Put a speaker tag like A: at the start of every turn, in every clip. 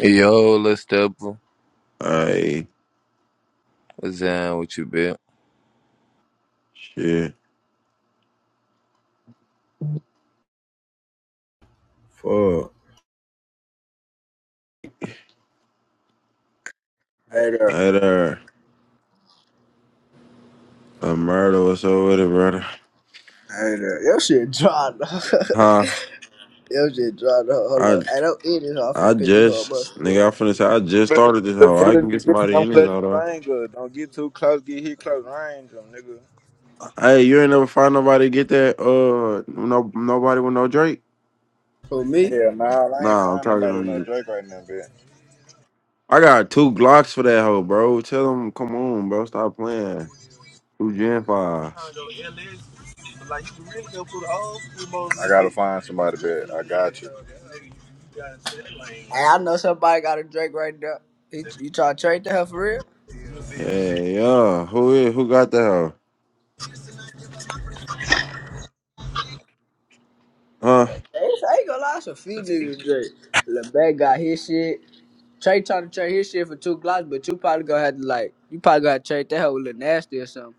A: Yo, little stepper.
B: Hey,
A: What's down with you, bitch?
B: shit. Fuck.
C: Hey there.
B: Hey there. A murder. What's up with it, brother?
C: Hey there. Your shit dry. dog.
B: Huh?
C: Your shit dry. dog. Hold
B: I
C: on. Hey, don't eat this. I'm
B: I
C: finna put this whole bunch of
B: just nigga,
C: story.
B: I finna say I just
D: The
B: started this
D: the
B: hoe. I can
D: footage is
B: get
D: bitching,
B: somebody
D: I'm
B: in this
D: clutching the
B: hoe
D: banger. Don't get too close, get hit close range, um, nigga.
B: though. Hey, you ain't never find nobody get that uh no nobody with no Drake?
C: For me,
D: Hell nah, I ain't
B: Nah, I'm
D: find
B: talking
D: nobody
B: to
D: no
B: you.
D: Drake right now, bitch.
B: I got two Glocks for that hoe, bro. Tell them come on, bro. Stop playing. Who Gen Fives?
D: But Like you really go through the old school mode. I gotta find somebody, bitch. I got you.
C: hey, I know somebody got a drink right now. He, you try to trade the hell for real?
B: Yeah, yeah. Who is who got that hoe? Huh?
C: No, Chase, I ain't gonna lie. It's a few
B: Ain't
C: niggas drink. LeBay got his shit. Trey trying to trade his shit for two glocks, but you probably gonna have to like, you probably gonna have to trade that hell with Lil Nasty or something.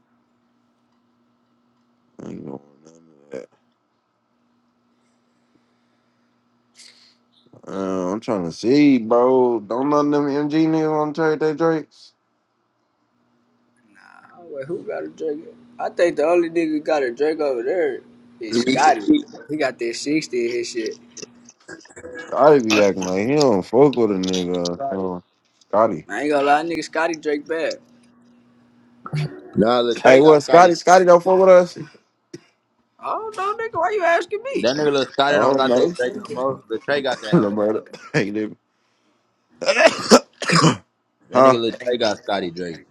B: going none of that. Uh, I'm trying to see, bro. Don't none of them MG niggas want to trade their drakes.
C: Nah, wait, who got a drink? I think the only nigga got a drink over there is
E: 'Cause we
C: Scotty. He got that 60 in his shit.
B: Scotty be acting like he don't fuck with a nigga. Uh, Scotty.
C: I ain't gonna lie, nigga Scotty Drake bad.
E: Nah,
B: Hey,
E: Latre
B: what?
E: got Scotty.
B: Scotty? Scotty don't fuck with us?
C: Oh no, nigga, why you asking me?
E: That nigga Lil
B: I
E: Scotty don't
B: don't
E: got
B: know.
E: that Drake no more. Latre got that
B: no
E: hoe.
B: matter. Hey, nigga.
E: That nigga
B: huh?
E: Latre got Scotty Drake.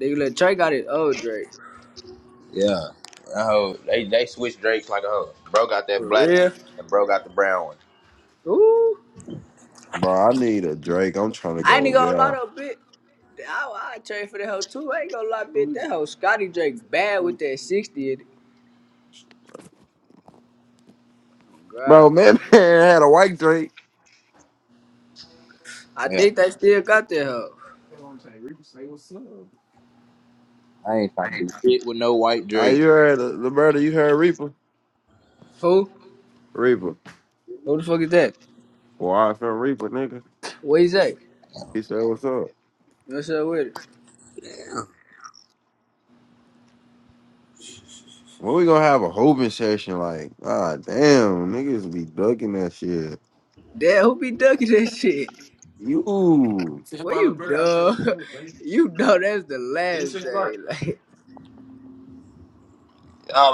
C: Nigga, let Drake got his old Drake.
E: Yeah. That hoe, they they switched Drakes like a hoe. Bro got that
C: For
E: black one,
C: real?
E: and bro got the brown one.
C: Ooh.
B: Bro, I need a Drake. I'm trying to
C: I ain't
B: go.
C: gonna lie
B: Yeah.
C: though, bitch. I, I trade for that hoe too. I ain't gonna lie, bitch. That hoe Scotty Drake bad with that 60. in it. Oh,
B: Bro,
C: God.
B: man, man had a white Drake.
C: I
E: Yeah.
C: think they still got that hoe.
B: Hey,
E: I ain't trying to do shit with no white Drake.
B: you heard the, the murder. You heard Reaper.
C: Who?
B: Reaper.
C: Who the fuck is that?
B: Well, I feel Reaper, nigga.
C: What is that?
B: He said, "What's up?"
C: What's up with it?
B: When we gonna have a hoping session? Like, ah, damn, niggas be ducking that shit.
C: Damn, who be ducking that shit?
B: You.
C: Well,
B: Y'all
C: you
B: let
C: dumb.
B: me
C: you know that's the last day. Like,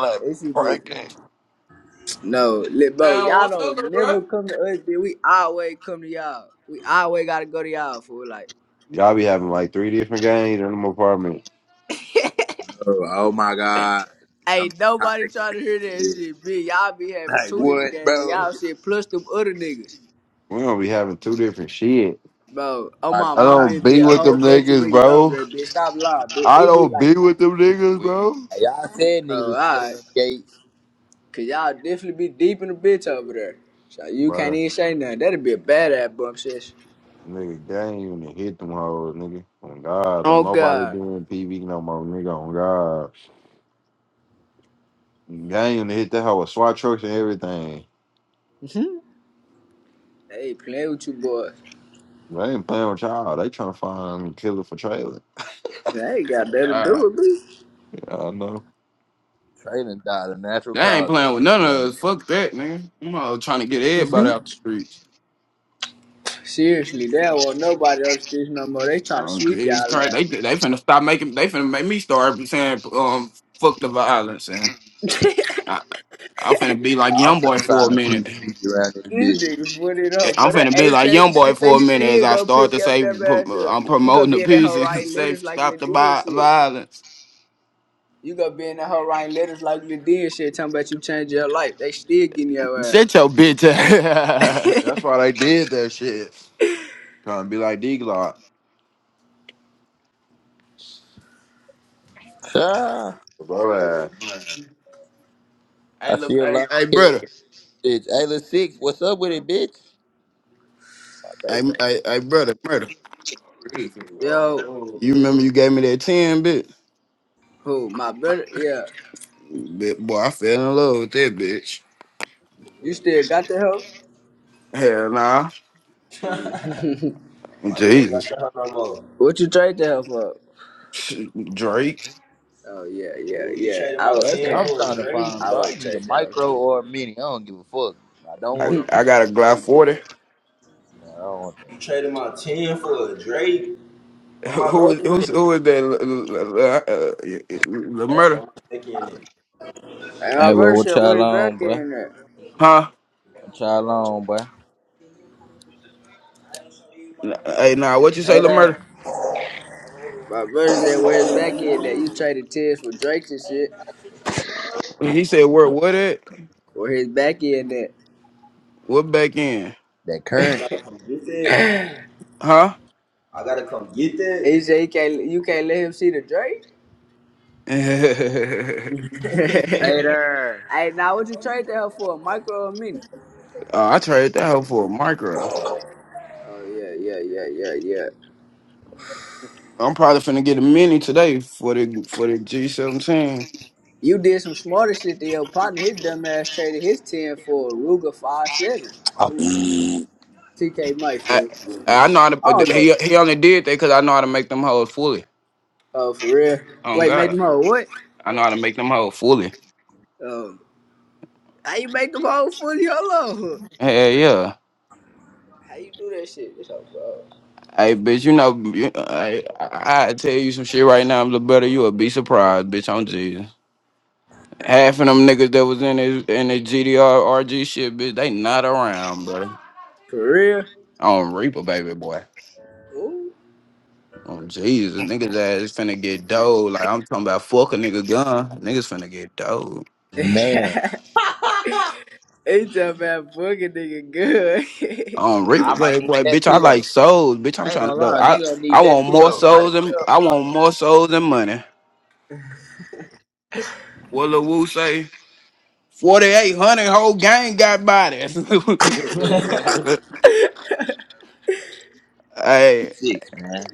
C: they should be.
B: breaking.
C: No, lit bro, y'all don't never come to us, bitch. We always come to y'all. We always gotta go to y'all for like.
B: Y'all be having like three different games in them apartment.
E: Oh, oh my god. I'm
C: Ain't
E: tired
C: nobody
E: of hearing
C: trying to hear that
E: this shit.
C: shit, bitch. Y'all be having
E: Like
C: two different
E: what,
C: games and
E: bro? Oh
C: y'all shit plus them other niggas.
B: We gonna be having two different shit.
C: Bro, oh
E: My
C: my
B: I
C: mama,
E: god.
B: don't
C: it be
B: be
C: a
B: with
C: whole
B: them
C: bunch of
B: niggas,
C: niggas over
B: bro.
C: there, bitch. Stop lying, bitch.
B: I
C: It be
B: don't
C: like,
B: be with them niggas, bro.
E: Hey, y'all said niggas
C: oh,
E: was scared of
C: alright.
E: them gates.
C: Cause y'all definitely be deep in the bitch over there. So you can't
B: Bro,
C: even say nothing. That'd be a badass bump session.
B: nigga, game even hit them hoes, nigga. On God, don't
C: Oh
B: nobody
C: God.
B: doing PV no more, nigga. On God. Gang hit that hoe with SWAT trucks and everything.
C: They ain't playing with you boys.
B: They ain't playing with y'all. They trying to find killer for trailer.
C: They ain't got that to
B: God,
C: do with me.
B: Yeah, I know.
E: Traylon died of natural
B: they ain't playing
E: causes.
B: with none of
E: Young.
B: us. Fuck that, nigga. I'm all trying to get everybody out the streets.
C: Seriously, there was nobody on the streets no more. They trying to
B: Oh,
C: sweep
B: Jesus
C: y'all
B: Christ. They
C: ass.
B: they finna stop making they finna make me start saying um fuck the violence and I, I finna be like
E: I'm
B: young boy
E: finna
B: for a
E: find a peace
B: minute.
E: treaty around this
C: These
E: bitch.
C: niggas put it up,
B: I'm
C: but that
B: finna be
C: H
B: like
C: A
B: young
C: and
B: boy
C: shit, they
B: for a minute as
C: still
B: I
C: gonna
B: start
C: pick
B: to
C: your
B: say
C: dumb
B: prom-
C: ass up.
B: I'm
C: You gonna
B: promoting the
C: be in that
B: peace
C: hoe
B: and
C: writing
B: say
C: letters like
B: stop the
C: Lady and
B: vi-
C: shit.
B: violence.
C: You gonna be in that hoe writing letters like Lady and shit, talking about you change your life. They still getting your
B: Shut your bitch.
C: ass.
B: ass. That's why they did that shit. Trying to be like D Glock.
E: Ah,
B: Bro, ass. Hey,
E: I
B: look,
E: see a
B: hey,
E: lot of
B: hey, brother.
E: kids, bitch. Hey, let's six, what's up with it, bitch? My
B: Hey,
E: baby.
B: m- hey, hey, brother, brother.
C: Yo,
B: You remember you gave me that 10 bitch.
C: who, my brother? Yeah.
B: Bit- Boy, I fell in love with that bitch.
C: You still got the hoe?
B: Hell nah.
C: Why you ain't got
B: Jesus.
C: the hoe no more? What you trade the hoe for?
B: Shit, Drake.
C: Oh yeah, yeah, Well, you yeah. traded I my
E: Oh,
C: would,
E: that's what
C: 10
E: I'm
C: for a
E: trying to
C: Drake.
E: find,
C: I
E: bro. I
C: would
E: need a
C: trade that one
E: micro
C: too.
E: or a mini. I don't give a fuck. I don't
B: I,
E: want no
B: I got a
E: regular
B: Glock
E: baby.
B: 40.
E: I don't want
C: You
E: that.
C: traded my 10 for a Drake. Where my
B: Who is
C: baby in
B: who's,
C: it?
B: who is that? L- L- L- uh, uh,
C: That's where
B: Lamurda?
C: my baby in it. And my
F: Hey,
C: brother
F: well, what
C: said,
F: y'all
C: "Where's
F: on,
C: back
F: boy?
C: in that?"
B: Huh?
F: What y'all on, boy?
B: N- Hey, nah, what you say,
G: Later.
B: Lamurda?
C: My brother said, "Where's back in that?" You traded tears for Drake's and shit.
B: He said, where, what at?
C: Where his back in Yeah,
B: What back end?
E: That
C: I
E: current,
C: gotta come get that. that?
B: Huh?
C: I gotta come get that. he said, "You can't, you can't let him see the Drake."
B: oh,
G: Later.
C: hey, now what you trade that for? A micro or a mini?
B: I traded that hoe for a micro.
C: Oh yeah, yeah, yeah, yeah, yeah,
B: I'm probably finna get a mini today for the for the G17.
C: You did some smarter shit to your partner. His dumb ass traded his 10 for a Ruger five seven.
E: Oh,
C: TK Mike,
B: I
C: fool.
B: I know how
C: I
B: to,
C: don't
B: but
C: know.
B: he he only did that because I know how to make them hoes fully.
C: Oh, for real?
B: Oh
C: Wait, make
B: God,
C: them whole what?
B: I know how to make them hoes fully.
C: Um, how you make them whole fully? Hold on.
B: Hell yeah.
C: How you do that shit? It's all bro.
B: Hey, bitch, you know, you, I, I I tell you some shit right now, little brother. You'll be surprised, bitch. On am Jesus. Half of them niggas that was in his in his GDR RG shit, bitch, they not around, bro.
C: For real?
B: On Reaper, baby boy.
C: Ooh.
B: Oh Jesus, niggas ass finna get dough. Like I'm talking about fuck a nigga gun. Niggas finna get dough.
E: man.
C: it's a bad booger nigga good.
B: On Reaper,
E: I might
B: baby
E: need
B: boy,
E: that
B: bitch. I
E: too, though.
B: like souls, bitch. I'm
E: I ain't
B: trying
E: gonna
B: to go.
E: lie, a
B: I
E: nigga gonna
B: I
E: need that
B: want
E: too,
B: more
E: though. Might
B: souls
E: as
B: than
E: well.
B: I want more souls than money. What Lil Wu say? Forty eight hundred whole gang got bodies. hey,
E: Six, man.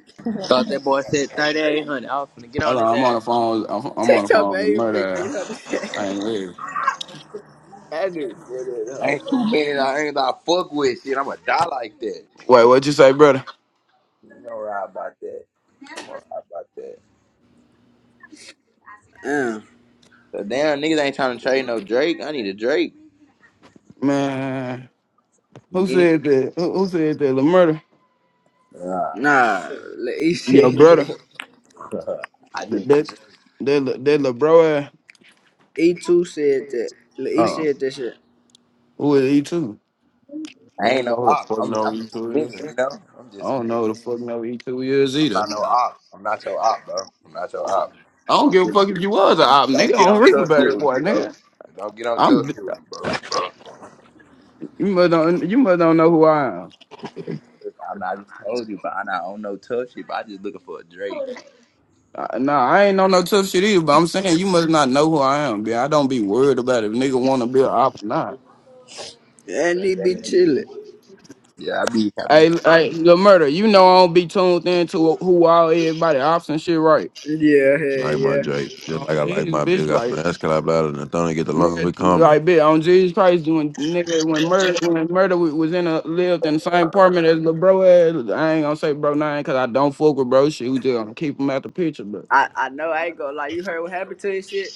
G: Thought that boy said 3800. I was finna get
B: hold
G: on
B: on.
G: his
B: I'm on
G: ass.
B: the phone. I'm, I'm on the
C: Teach your
B: phone. The
C: baby get
B: murder.
C: on the
B: I ain't
C: shit.
B: ready.
C: That nigga for that hoe.
E: Ain't too many that I ain't gonna fuck with shit. I'ma die like that.
B: Wait, what you say, brother?
E: You know right about that. I'm all right about that.
C: Um,
E: So damn niggas ain't trying to trade no Drake. I need a Drake.
B: Man, who
E: Meaning,
B: said that? Who, who said that? The murder.
E: uh,
C: nah, he
B: Your
C: said
B: brother,
C: that.
E: I
B: th-
E: just,
B: that's that li- that little bro.
C: E2 said that. He
B: Uh,
C: said that shit.
B: who is E two? I
E: I ain't
B: don't
E: no
B: know who the
E: op.
B: fuck
E: I mean,
B: no
E: I'm
B: E
E: just a
B: two is.
E: nigga, you know. I'm
B: I
E: just a
B: don't know who the
E: nigga.
B: fuck no E two is
E: I'm
B: either.
E: not no op. I'm not your op, bro. I'm not your op.
B: I don't
E: Don't
B: give a
E: get,
B: fuck if you was a
E: don't,
B: op,
E: don't
B: nigga.
E: get
B: I don't
E: on
B: reap
E: tough
B: about
E: shit
B: it,
E: with
B: boy,
E: me, bro.
B: nigga.
E: Don't get on tough
B: I'm
E: shit with me, bro.
B: you must don't you must don't know who I am.
E: Look, I, know I just told you, but I not on no tough shit. But I just looking for a Drake.
B: I, nah, I ain't know no tough shit either. But I'm saying you must not know who I am, bitch. I don't be worried about if nigga want to be a op or not.
C: And he
E: Then
C: be
E: it be-
C: chilling.
E: Yeah, I be, I be,
B: Hey, hey, the murder. You know I don't be tuned into who all everybody ops and shit, right?
C: Yeah, hell
B: Like my
C: yeah.
B: Drake, just like I like Jesus, my bitch, big I like finesse, cause I battled and don't get the long we come. like bitch, on Jesus Christ, when nigga when murder when murder wa- was in a lived in the same apartment as the bro had, I ain't gonna say bro nine cause I don't fuck with bro shit. We just gonna keep him out the picture, but
C: I, I know I ain't gonna lie. You heard what happened to his shit?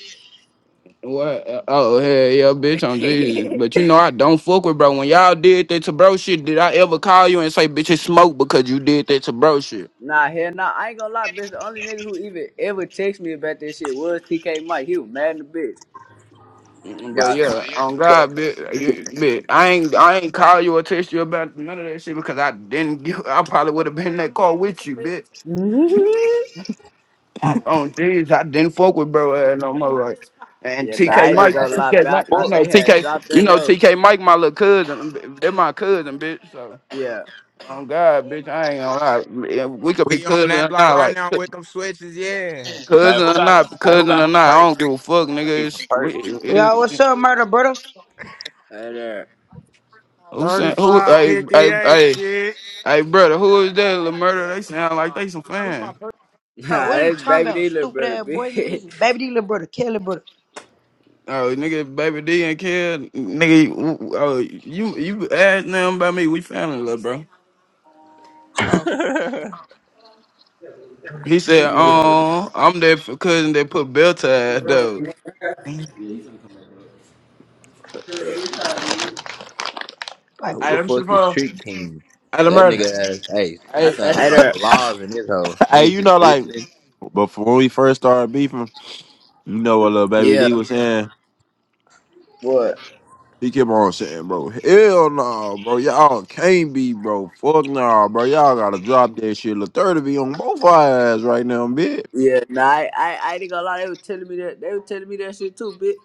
B: What? Uh, Oh hell yeah, bitch! On Jesus, but you know I don't fuck with bro. When y'all did that to bro shit, did I ever call you and say bitch it's smoke because you did that to bro shit?
C: nah, hell nah. I ain't gonna lie, bitch. The only nigga who even ever text me about this shit was TK Mike. He was mad in the bitch.
B: But
E: y'all.
B: yeah, on God, bit, you, bit, I ain't, I ain't call you or text you about none of that shit because I didn't. Give, I probably would have been in that car with you, bitch. On these, I didn't fuck with bro ass no more. like. And
C: yeah, nah, I
B: TK
C: ain't
B: Mike,
C: gonna lie, bitch.
B: TK
C: I
B: Mike, you
C: thought
E: Fuck,
B: know
C: they had
B: TK,
C: dropped
B: you
C: that
B: know
C: low.
B: TK Mike, my little cousin. They're my cousin, bitch. So
C: Yeah.
B: on God, bitch, I ain't gonna lie. If We could be
H: We on
B: cousin
H: that
B: or
H: block
B: not,
H: right
B: like
H: now with
B: cou-
H: them switches, yeah.
E: man, who
B: cousin or
E: got some?
B: not,
E: Hey, who
B: cousin or
E: got some
B: not. I
E: perks?
B: don't give a fuck,
E: I
B: nigga.
E: need some
B: It's, we-
I: Yo, what's
B: it,
I: up, murder brother?
C: Hey there.
B: who sent who?
H: 35,
B: Hey, hey,
H: 58,
B: hey.
H: shit.
B: Hey, brother, who is that? Lil Murder? They sound like they some fans.
I: Bro,
C: Nah,
I: what are you
C: that's
I: talking
C: baby
I: about,
C: D little
I: stupid
C: brother,
I: ass boy, nigga? This
C: bitch.
I: is Baby D little brother, Kelly brother.
B: Oh, nigga, Baby D and Kid, nigga, w- oh, you you asked them about me. We found it, little bro.
I: Oh,
B: He said,
C: What's
E: perks.
C: up?
B: "Oh, I'm that for cousin that put bell ties though." I
I: like,
E: Who the
B: let me see the
E: fuck is
B: phone.
E: Trick King?
B: Hey, the
E: That
B: murder.
E: nigga ass, hey, I
B: Hey,
E: thought I was
C: Hey
B: hey,
E: like the
C: there.
E: laws in this hoe.
B: hey,
E: Niggas
B: you know,
E: just
B: like
E: listening.
B: before we first started beefing, you know what little baby
C: Yeah.
B: D was saying?
C: What?
B: He kept on saying, bro, hell no, bro. Y'all can't be, bro. Fuck no, bro. Y'all gotta drop that shit. Lathirty be on both our ass right now, bitch.
C: Yeah, nah, I, I, I ain't gonna lie. They were telling me that. They were telling me that shit too, bitch.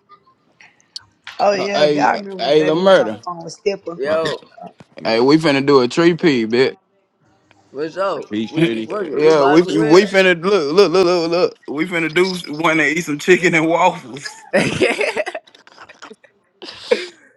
I: oh
B: Uh,
I: yeah,
B: hey,
I: I
B: uh,
I: remember when
B: hey, the
I: Baby D was on the
B: murder.
I: phone with Stepper.
B: My-
C: Yo,
B: Hey, we finna do a tree pee, bitch.
C: what's up?
B: Peace,
C: We
B: shitty.
C: working. We
B: yeah,
C: might
B: we
C: as well.
B: we finna look, look, look, look, look. We finna do one.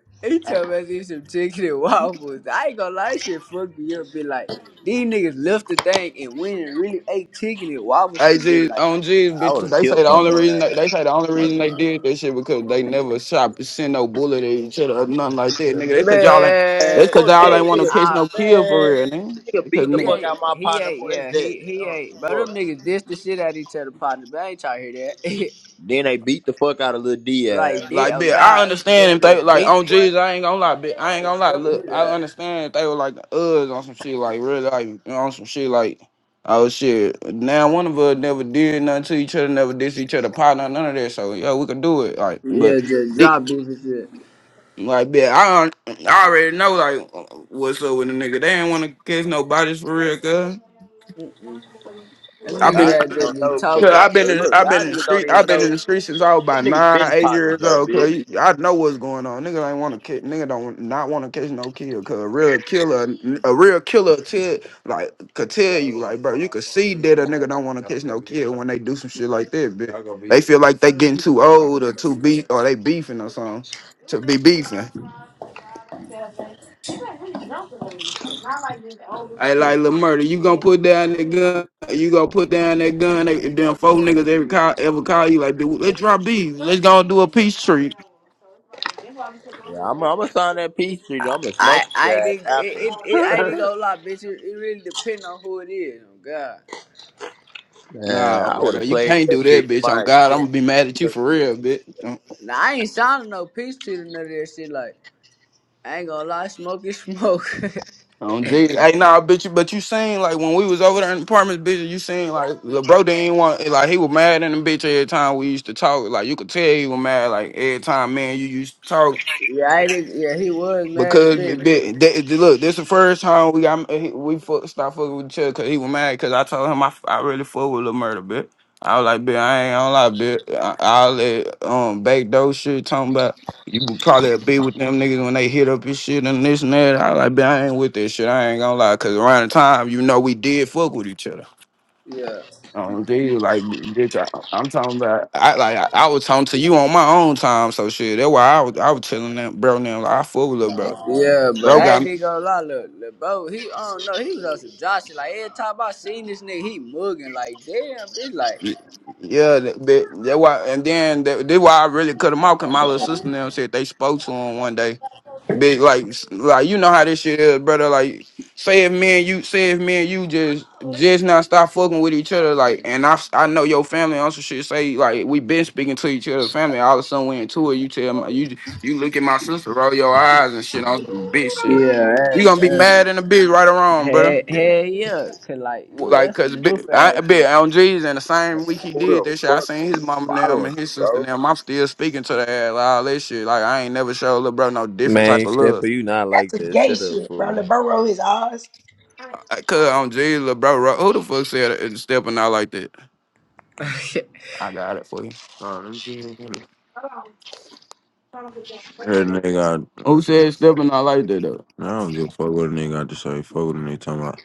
C: he told me I eat some chicken and waffles. I ain't gonna lie, shit fucked me up. Be like, these niggas left the thing and went and really ate chicken and waffles
B: Hey,
C: together.
B: G,
C: Like,
B: on G,
E: I
B: bitch,
E: would have
B: they say
E: killed
B: the
E: one of
B: only
E: their
B: reason they, they
E: ass.
B: say the only reason
E: Parking
B: they
E: lot.
B: did that shit because they never shot send no bullet at each other or nothing like that, nigga. That's cause y'all ain't
E: Man,
B: that's
C: man,
B: cause
E: fuck
B: y'all ain't
E: that,
C: they,
B: want to
E: nigga.
B: catch
C: uh,
B: no kill for
E: Man,
B: real, nigga.
E: nigga
B: Because
E: beat the
C: he
B: nigga,
E: fuck
C: ate,
E: out my
C: he
E: partner,
C: ate,
E: boy. It's
C: yeah,
E: that.
C: he
E: Nigga, I
C: he
E: don't give
C: ate. But
E: a
C: them
E: fuck.
C: niggas dissed the shit out each other, partner. But I ain't trying to hear that.
E: Then they beat the fuck out of Lil D ass.
C: right
B: like,
C: there, oh
B: bitch, I
C: god, they
B: understand if
C: damn near
B: they like on
C: beat boy.
B: G's, I ain't gonna lie, bitch, I ain't
C: They was
B: gonna lie.
C: stuffing
B: Look,
C: his
B: I
C: ass.
B: understand if they were like us on some shit like really like on some shit like. Oh shit! Now one of us never did nothing to each other, never did each other, partner, none of that. So yeah, we could do it. Like, but
C: Yeah, just drop beef and shit.
B: Like, yeah, I, al- I already know like what's up with the nigga. They ain't want to catch no bodies for real, cuz.
C: Them
E: Like,
B: I've
C: niggas
E: I
B: been,
C: that
E: don't
C: just be
E: know,
B: cause
E: but,
C: talking.
E: y'all,
B: I've
E: but
B: been, in,
E: look,
B: I've been
E: y'all
B: in the
E: niggas don't
B: street. I've
E: even
B: been in
E: know.
B: the street since I was
E: Them
B: about
E: niggas
B: nine,
E: been
B: eight
E: partners,
B: years
E: though,
B: old. Cause
E: bitch.
B: you- I know what's going on. Niggas ain't want to catch. Nigga don't not want to catch no kill. Cause a real killer, a real killer tell like could tell you like, bro, you could see that a nigga don't want to catch no kill when they do some shit like that. Bitch. They feel like they getting too old or too beef or they beefing or something to be beefing. Hey, like Lil Murder, you gonna put down that gun? You gonna put down that gun? They, If them four niggas ever call, ever call you like, dude, let's drop these. Let's go and do a peace treat.
E: Yeah, I'm, I'm gonna sign that peace treaty. I'm gonna
C: I
E: smoke your
C: I
E: ass
C: didn't
E: after.
C: it, it, it I didn't go lie, bitch. It, it really depend on who it is. Oh God.
E: Man,
B: Nah,
E: I would
B: brother,
E: have
B: you
E: played
B: can't
E: that
B: do that,
E: shit to
B: bitch. On
E: my
B: God, I'm
E: extent.
B: gonna be mad at you for
E: Who
B: real, bitch. On
C: Now I ain't sounding no peace treaty or none of that shit. Like I ain't gonna lie, smoke is smoke.
B: on Jesus, hey, nah, bitch. You, but you seen like when we was over there in the apartments, bitch. You seen like the bro didn't want like he was mad at him, bitch. Every time we used to talk, like you could tell he was mad. Like every time, man, you used to talk.
C: yeah, I didn't. Yeah, he was mad a
B: Because they,
C: bitch. bitch.
B: they, they- look, this the first time we got he- we fuck, stopped fucking with each other because he was mad because I told him I, f- I really fuck with Lil Murder, bitch. I was like, bitch, I ain't gonna lie, bitch. I, I let um back door shit talking about you would probably be with them niggas when they hit up your shit and this and that. I was like, bitch, I ain't with this shit. I ain't gonna lie, cause around the time you know we did fuck with each other.
C: Yeah,
B: Um, dude, like, bitch, I, I'm talking about. I like, I, I was talking to you on my own time, so shit. That's why I was, I was telling that bro now, like, I fuck with little bro.
C: yeah, but
B: Bro
C: I
B: got
C: ain't even gonna lie, look, look, bro, he, I don't know, he was on some Josh shit. Like, every time I seen this nigga, he mugging, like, damn, bitch, like,
B: Y- Yeah, they, they, they why, and then they, they why I really cut them off. Cause my little sister and them said they spoke to him one day. Big like, s- like you know how this shit is, brother. Like, say if me and you, say if me and you just just now stop fucking with each other, like, and I s- I know your family also should say like we been speaking to each other, family. All of a sudden we in tour. You tell my you you look at my sister, roll your eyes and shit on some bitch
C: yeah,
B: shit. You gonna be
C: that- um,
B: mad in a bitch right or
C: hell
B: wrong, brother.
C: hey, yeah, cause, like,
B: Well,
C: you,
B: Like,
C: that's
B: cause
C: some
B: bi-
C: goof
B: I
C: ass
B: bet on G's and the same week he did
E: the
B: that shit, I seen his
E: fuck
B: mom and them
E: following me,
B: and his sister
E: bro?
B: and them. I'm still speaking to the ass, like, all that shit. Like, I ain't never showed little bro no different type
A: Man,
B: of love.
A: stepper, you not
I: That's
A: like
I: some
A: that.
I: gay
A: Shut up,
I: shit, bro. Lil
A: fool.
I: bro rolled his eyes.
B: Like, cause on G's, little bro, ro- who the fuck said it, stepping out like that?
C: shit.
B: I got it for you. Nah, let me see real quick. Nigga, I, Who said stepping out like that though? I, don't give a fuck what a nigga got to say. Fuck what a nigga talking about.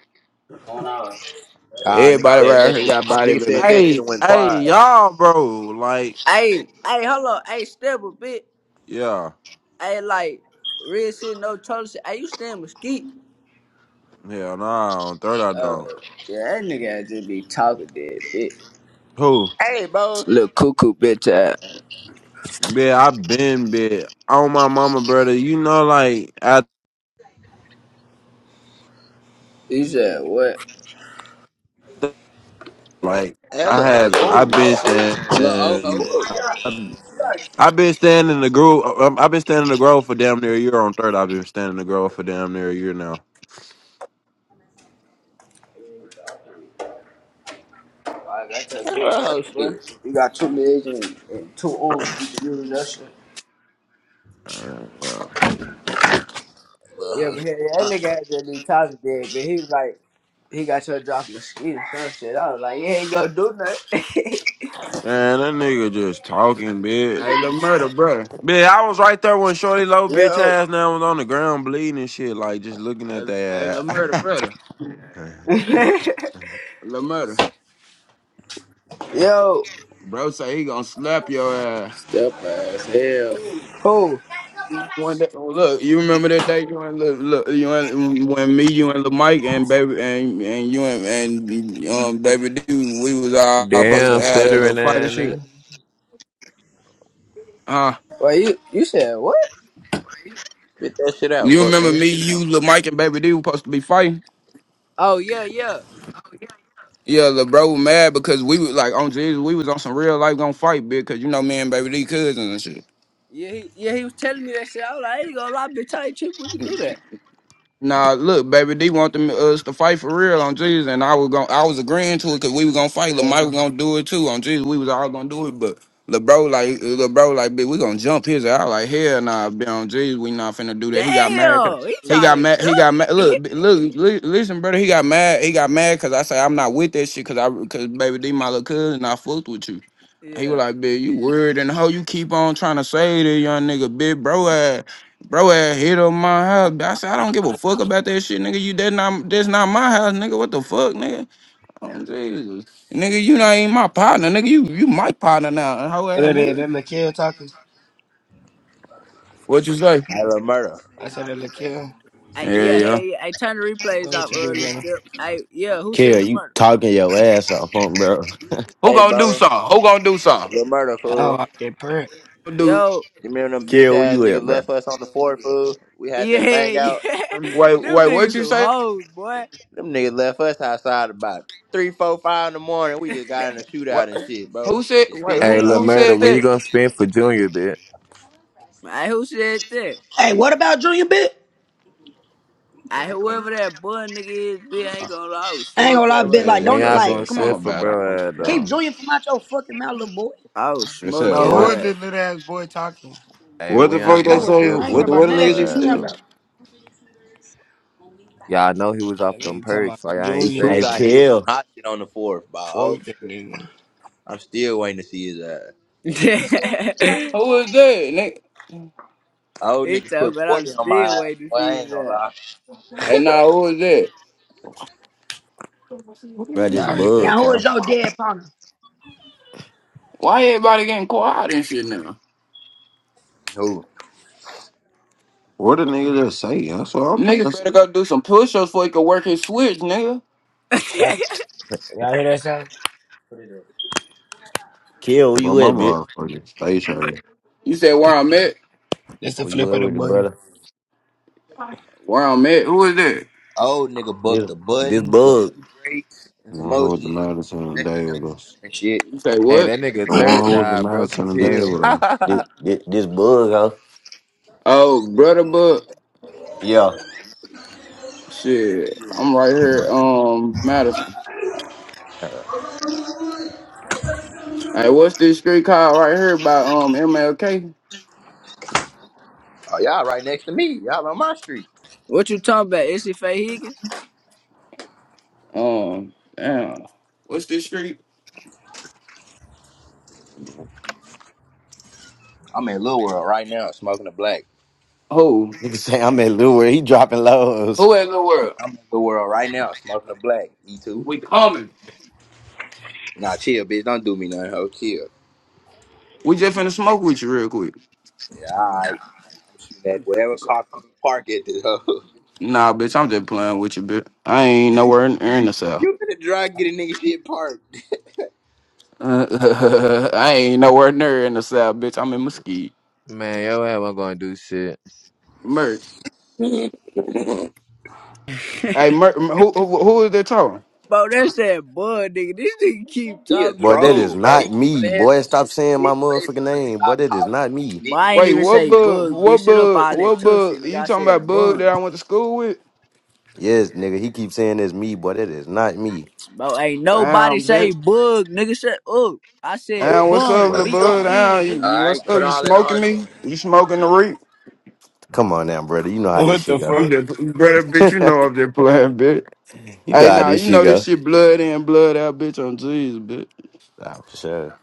J: One hour.
E: Ah, nigga
B: Everybody
E: said
B: right
E: that
B: here
E: shit.
B: got
E: Nigga
B: bodies in the
E: said that shit
B: Hey,
E: and went
B: hey,
E: quiet.
B: y'all, bro. Like,
C: Hey, hey, hold on. Hey, step a bit.
B: yeah,
C: Hey, like, real shit, no troll shit. Hey, you stay in Mesquite?
B: yeah, nah. On third, I
C: Oh,
B: don't.
C: yeah, that nigga just be talking dead, bitch.
B: Who?
E: Hey, bro,
C: Little cuckoo, bitch ass.
B: Yeah, I've been bit. On my mama, brother. You know, like I
C: You said what?
B: like
E: that
B: I
E: little hoe
B: have.
E: shit.
B: i
C: Oh,
B: been
E: That
B: standing.
C: shit.
G: Little oh,
E: fuck,
G: ho.
B: I've, I've been standing in the grove. um, I've been standing in the grove for damn near a year. On third, I've been standing in the grove for damn near a year now.
C: I got your
E: that
C: bitch
E: little
C: ass,
E: hoe
C: bro.
E: shit.
C: You got two legs and, and two arms. You can use that shit.
B: Uh, uh,
E: That little
C: Yeah,
E: hoe
C: but
E: shit.
C: hey, that nigga had to be talking dead, but he was like, he got your drop mosquito or some shit. I was like, you ain't gonna do nothing.
B: Man, that nigga just talking, bitch. Hey, the murder, brother. Bitch, I was right there when Shorty Low bitch
C: Yo.
B: ass now was on the ground bleeding and shit, like just looking Hey, at hey, that. little murder, brother. The murder.
C: Yo.
B: Bro say he gonna slap your ass.
G: Step ass, hell.
C: Who?
B: One day, oh, look, you remember that day you and look, look you and when me, you and Lil Mike and baby and and you and and um baby dude, we was all supposed to
A: Damn,
B: have that little
A: stuttering
B: fight and
A: ass
B: shit.
A: nigga.
B: Uh
C: Wait, you you said what?
E: Spit that shit out,
B: you
E: fuck
B: remember
E: nigga.
B: me, you, Lil Mike and baby dude supposed to be fighting?
C: Oh yeah, yeah,
B: Yeah, Lil bro was mad because we was like on Jesus, we was on some real life gonna fight, bitch, cause you know me and baby D cousins and shit.
C: yeah. He, yeah, he was telling me that shit. I was like, I ain't gonna lie, bitch. I ain't tripping. We can do that.
B: Nah, look, baby, they want them, us to fight for real on Jesus, and I was going I was agreeing to it because we was gonna fight.
J: What
B: Lamar was gonna do it too on Jesus. We was all gonna do it, but LeBro like LeBro like, bitch, we gonna jump his out like hell. Nah, be on Jesus, we not finna do that. He got mad. 'cause-
C: Damn, he
B: He
C: trying
B: got
C: to
B: mad.
C: do
B: He got mad.
C: me.
B: Look, b- look, li- listen, brother. He got mad. He got mad because I say I'm not with that shit. Because I because baby, D my little cousin, and I fucked with you. He was
C: Yeah,
B: like, "Bitch, you weird and how you keep on trying to say to young nigga, big bro ass, bro ass hit on my house." I said, "I don't give a fuck about that shit, nigga. You that not that's not my house, nigga. What the fuck, nigga? Oh, Jesus, nigga, you not even my partner, nigga. You you my partner now. And How ass
J: that is, that
B: nigga?
J: Laquel talking?
B: What you say?
E: That little murder.
J: I said that Laquel.
C: I,
B: Yeah,
C: yeah,
B: yeah.
C: hey, yeah, I turn the replays
J: That's what
C: off.
J: you be
C: Uh, let's
J: brother.
C: step. I yeah, who
K: Kale,
C: said the
K: you
C: murder?
K: talking your ass off, huh, bro.
B: Who
E: Hey,
B: gonna do
E: bro,
B: something? Who gonna do something?
E: little murder fool.
J: Oh, I can't pray.
B: Who Do
C: yo,
E: You remember them bitch
K: Kale, where
E: ass
K: you at,
E: niggas
K: bro?
E: left us on the floor, fool? We had that
C: Yeah,
E: bang out.
C: yeah,
B: wait,
C: them
B: wait. What
C: niggas
B: you
C: some
B: say?
C: hoes, boy.
E: Them niggas left us outside about three, four, five in the morning. We just got in a shootout
B: What?
E: and shit, bro.
B: Who said?
E: Shit
B: Wait,
E: pissed me
A: Hey,
B: who
A: little
E: off.
B: who
A: murder,
B: said
A: when you
B: that?
A: gonna spend for Junior, bitch?
C: I who said that?
I: Hey, what about Junior, bit?
C: I whoever that boy nigga is, bitch, I ain't gonna lie. I would
I: I ain't
C: smoke
I: gonna lie,
B: They
I: bit.
C: your ass,
I: Like,
C: little
B: said
A: When
I: don't
C: bro.
B: they
A: y'all
I: like,
A: gonna
B: said
I: come
B: something
A: step
I: on,
A: for
B: about it. I don't-
A: bro ass,
B: I
I: keep
A: though?
B: don't-
I: Junior from out your fucking mouth, little boy.
C: I would
B: They said
C: smoke
J: But who
B: what?
J: is
C: your
J: this little ass boy talking?
A: Hey,
B: What
A: when
B: the
I: You
A: y'all
B: fuck
I: ain't know
B: that
A: gonna
I: what's going.
B: say?
I: on.
A: step
I: I ain't
A: for
I: worried
B: What
K: Mhm.
B: the
A: little
I: about
B: what the
I: none of that
B: nigga
I: shit
B: just
A: bro
I: you
A: ass,
I: talking
B: said?
A: though?
I: about.
A: Y'all know he was
J: That
A: off them
J: nigga talking about
A: perks,
J: the
A: like I
E: The
A: ain't
J: junior.
E: two
K: Hey,
A: save him.
E: guy hit with some
K: Kale,
E: hot shit on the fourth by old
J: Fuck that
E: nigga.
J: nigga.
E: I'm still waiting to see his ass.
C: ass.
B: Who was that? Nigga?
E: Old
C: He
E: nigga
C: talking
E: put
C: about I'm
E: 40 on my
C: still
E: ass.
C: waiting
E: Boy,
C: for
E: I
C: you
E: ain't gonna
C: that.
E: lie.
B: Hey, nah, who was that? What the
K: bro,
B: nigga
K: this
B: say?
J: Sorry, that.
I: Now,
K: bug,
I: who is
K: fam.
I: your dead partner?
B: Why everybody getting quiet and shit now?
E: Who?
B: What the nigga just say? That's what I'm Nigga to better say. go do some push-ups before he can work his switch, nigga.
J: Y'all hear that sound?
K: Kale, where
B: My
K: you at, bitch?
B: mama fucking face hurt. You said where I'm at?
J: That's the
K: Where
J: flip
K: you at
J: of the
K: with it,
J: button.
K: brother?
B: Where I'm at? Who is that?
E: Old nigga bucked
K: This,
E: a
K: this
E: button, a
K: bug,
E: few drakes, and
B: The
E: some
B: one who
E: more
B: was the
E: shit.
B: loudest on
E: That
B: the day
E: shit
B: with
E: don't be
B: us.
E: and shit.
B: You say
A: Hey,
B: what?
A: that nigga
B: The one
A: third
B: who was the
A: died, broke
B: loudest
A: his
B: on the day
K: this,
A: heel.
B: with us.
K: this, this, this bug, huh?
B: Oh, brother, but
K: Yeah.
B: shit, I'm right here. Um, Madison.
K: Uh,
B: Hey, what's this street called right here by um MLK?
E: Oh, y'all right next to me. Y'all on my street.
C: what you talking about? Is she Faye Higgins?
B: Um, damn. What's this street?
E: I'm in Little World right now, smoking a black.
B: Who?
K: Nigga say I'm at Lure. He dropping lows.
B: Who in the world?
E: I'm in Little World right now, smoking a black. E two.
B: We coming.
E: Nah, chill, bitch. Don't do me nothing, ho. Chill.
B: We just finna smoke with you real quick.
E: Yeah, alright. I'm shooting at whatever car comes park at this hoe.
B: Nah, bitch, I'm just playing with you, bitch. I ain't nowhere in, in the south.
E: You finna drive get a nigga shit parked.
B: I ain't nowhere near in the south, bitch. I'm in Mesquite.
A: Man, yo, ass wasn't gonna do shit.
B: Merch. Hey, Mer- who, who who is that talking?
C: Bro, that's that bug, nigga. This nigga keep
E: He a
C: talking,
K: Boy, that
C: bitch.
K: is
E: troll, bro. He
K: not
E: keep
K: me.
E: saying some
K: Boy, stop
E: shit.
K: saying
E: He need
K: my
E: to say something
K: motherfucking
E: and
K: name. Boy,
E: stop
K: that is
E: talking
K: not
E: on some
K: me.
C: But
E: bitch
C: I ain't
B: Wait,
E: shit.
C: even
B: what
C: say
B: bug?
C: bug, bitch.
B: What
C: Shut up
B: bug?
C: all that
B: What
C: tough shit,
B: bug?
C: nigga.
B: You
C: I
B: talking about
C: said
B: bug that
C: bun.
B: I went to school with?
K: Yes, nigga, he keeps saying it's me. Boy, that is not me.
C: Bro, ain't nobody
B: Damn, bitch.
C: say bug, nigga. Shut up. I said
B: Down, what's up,
C: bun.
K: Boy,
B: little bud? Down,
C: B-O-N,
B: you,
C: nigga.
B: you-
G: Alright,
B: what's
G: quit
B: up? You
G: all that
B: smoking me?
G: arguing.
B: You smoking the reek?
K: come on now, brother. You know how this
J: What
K: shit
J: the
K: go.
J: fuck?
B: I'm just, brother, bitch, you know I'm just playing, bitch.
K: you know
B: Hey,
K: how
B: nah,
K: this
B: you
K: shit
B: know this
K: go.
B: shit blood in, blood out, bitch, on Jesus, bitch.
K: Nah, for sure.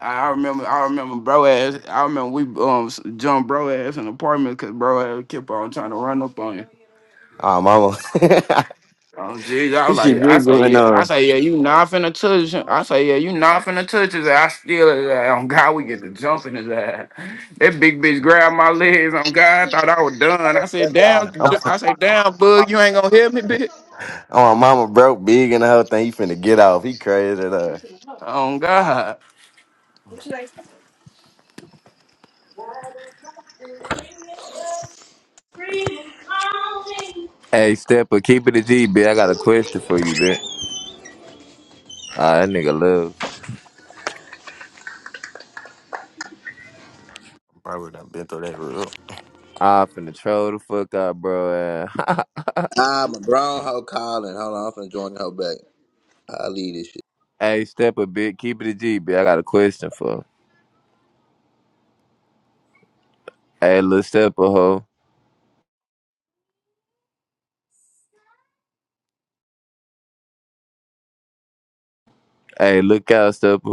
B: I I remember, I remember bro ass, I remember we um s- jumped bro ass in the apartment because bro ass kept on trying to run up on you.
K: Oh, mama,
B: Oh jeez, I was
K: shit
B: like, I
K: big
B: say,
K: going
B: yeah, I
K: on.
B: say, yeah, you not finna touch him. I say, yeah, you not finna touch his ass. I steal his ass. On God, we get to jumping his ass. That big bitch grabbed my legs. On God, I thought I was done. I said,
E: That's y'all
B: damn,
E: who's
B: Ju-
E: not my
K: Oh,
B: I say, damn, bug, you
E: partner.
B: ain't gonna hit me, bitch.
K: my mama broke big and the whole thing. He finna get off. He crazy. That uh,
B: On God.
E: Not my partner.
A: Hey, stepper, keep it a G, bitch. I got a question for you, bitch. Ah, that nigga love.
K: probably done been through that room.
A: I finna troll the fuck out, bro. eh.
E: Ah, my grown hoe calling. Hold on, I'm finna join the hoe back. I'll leave this shit.
A: hey, stepper, big, Keep it a G, B. I got a question for. Hey, little stepper, ho. Hey, look out, stepper.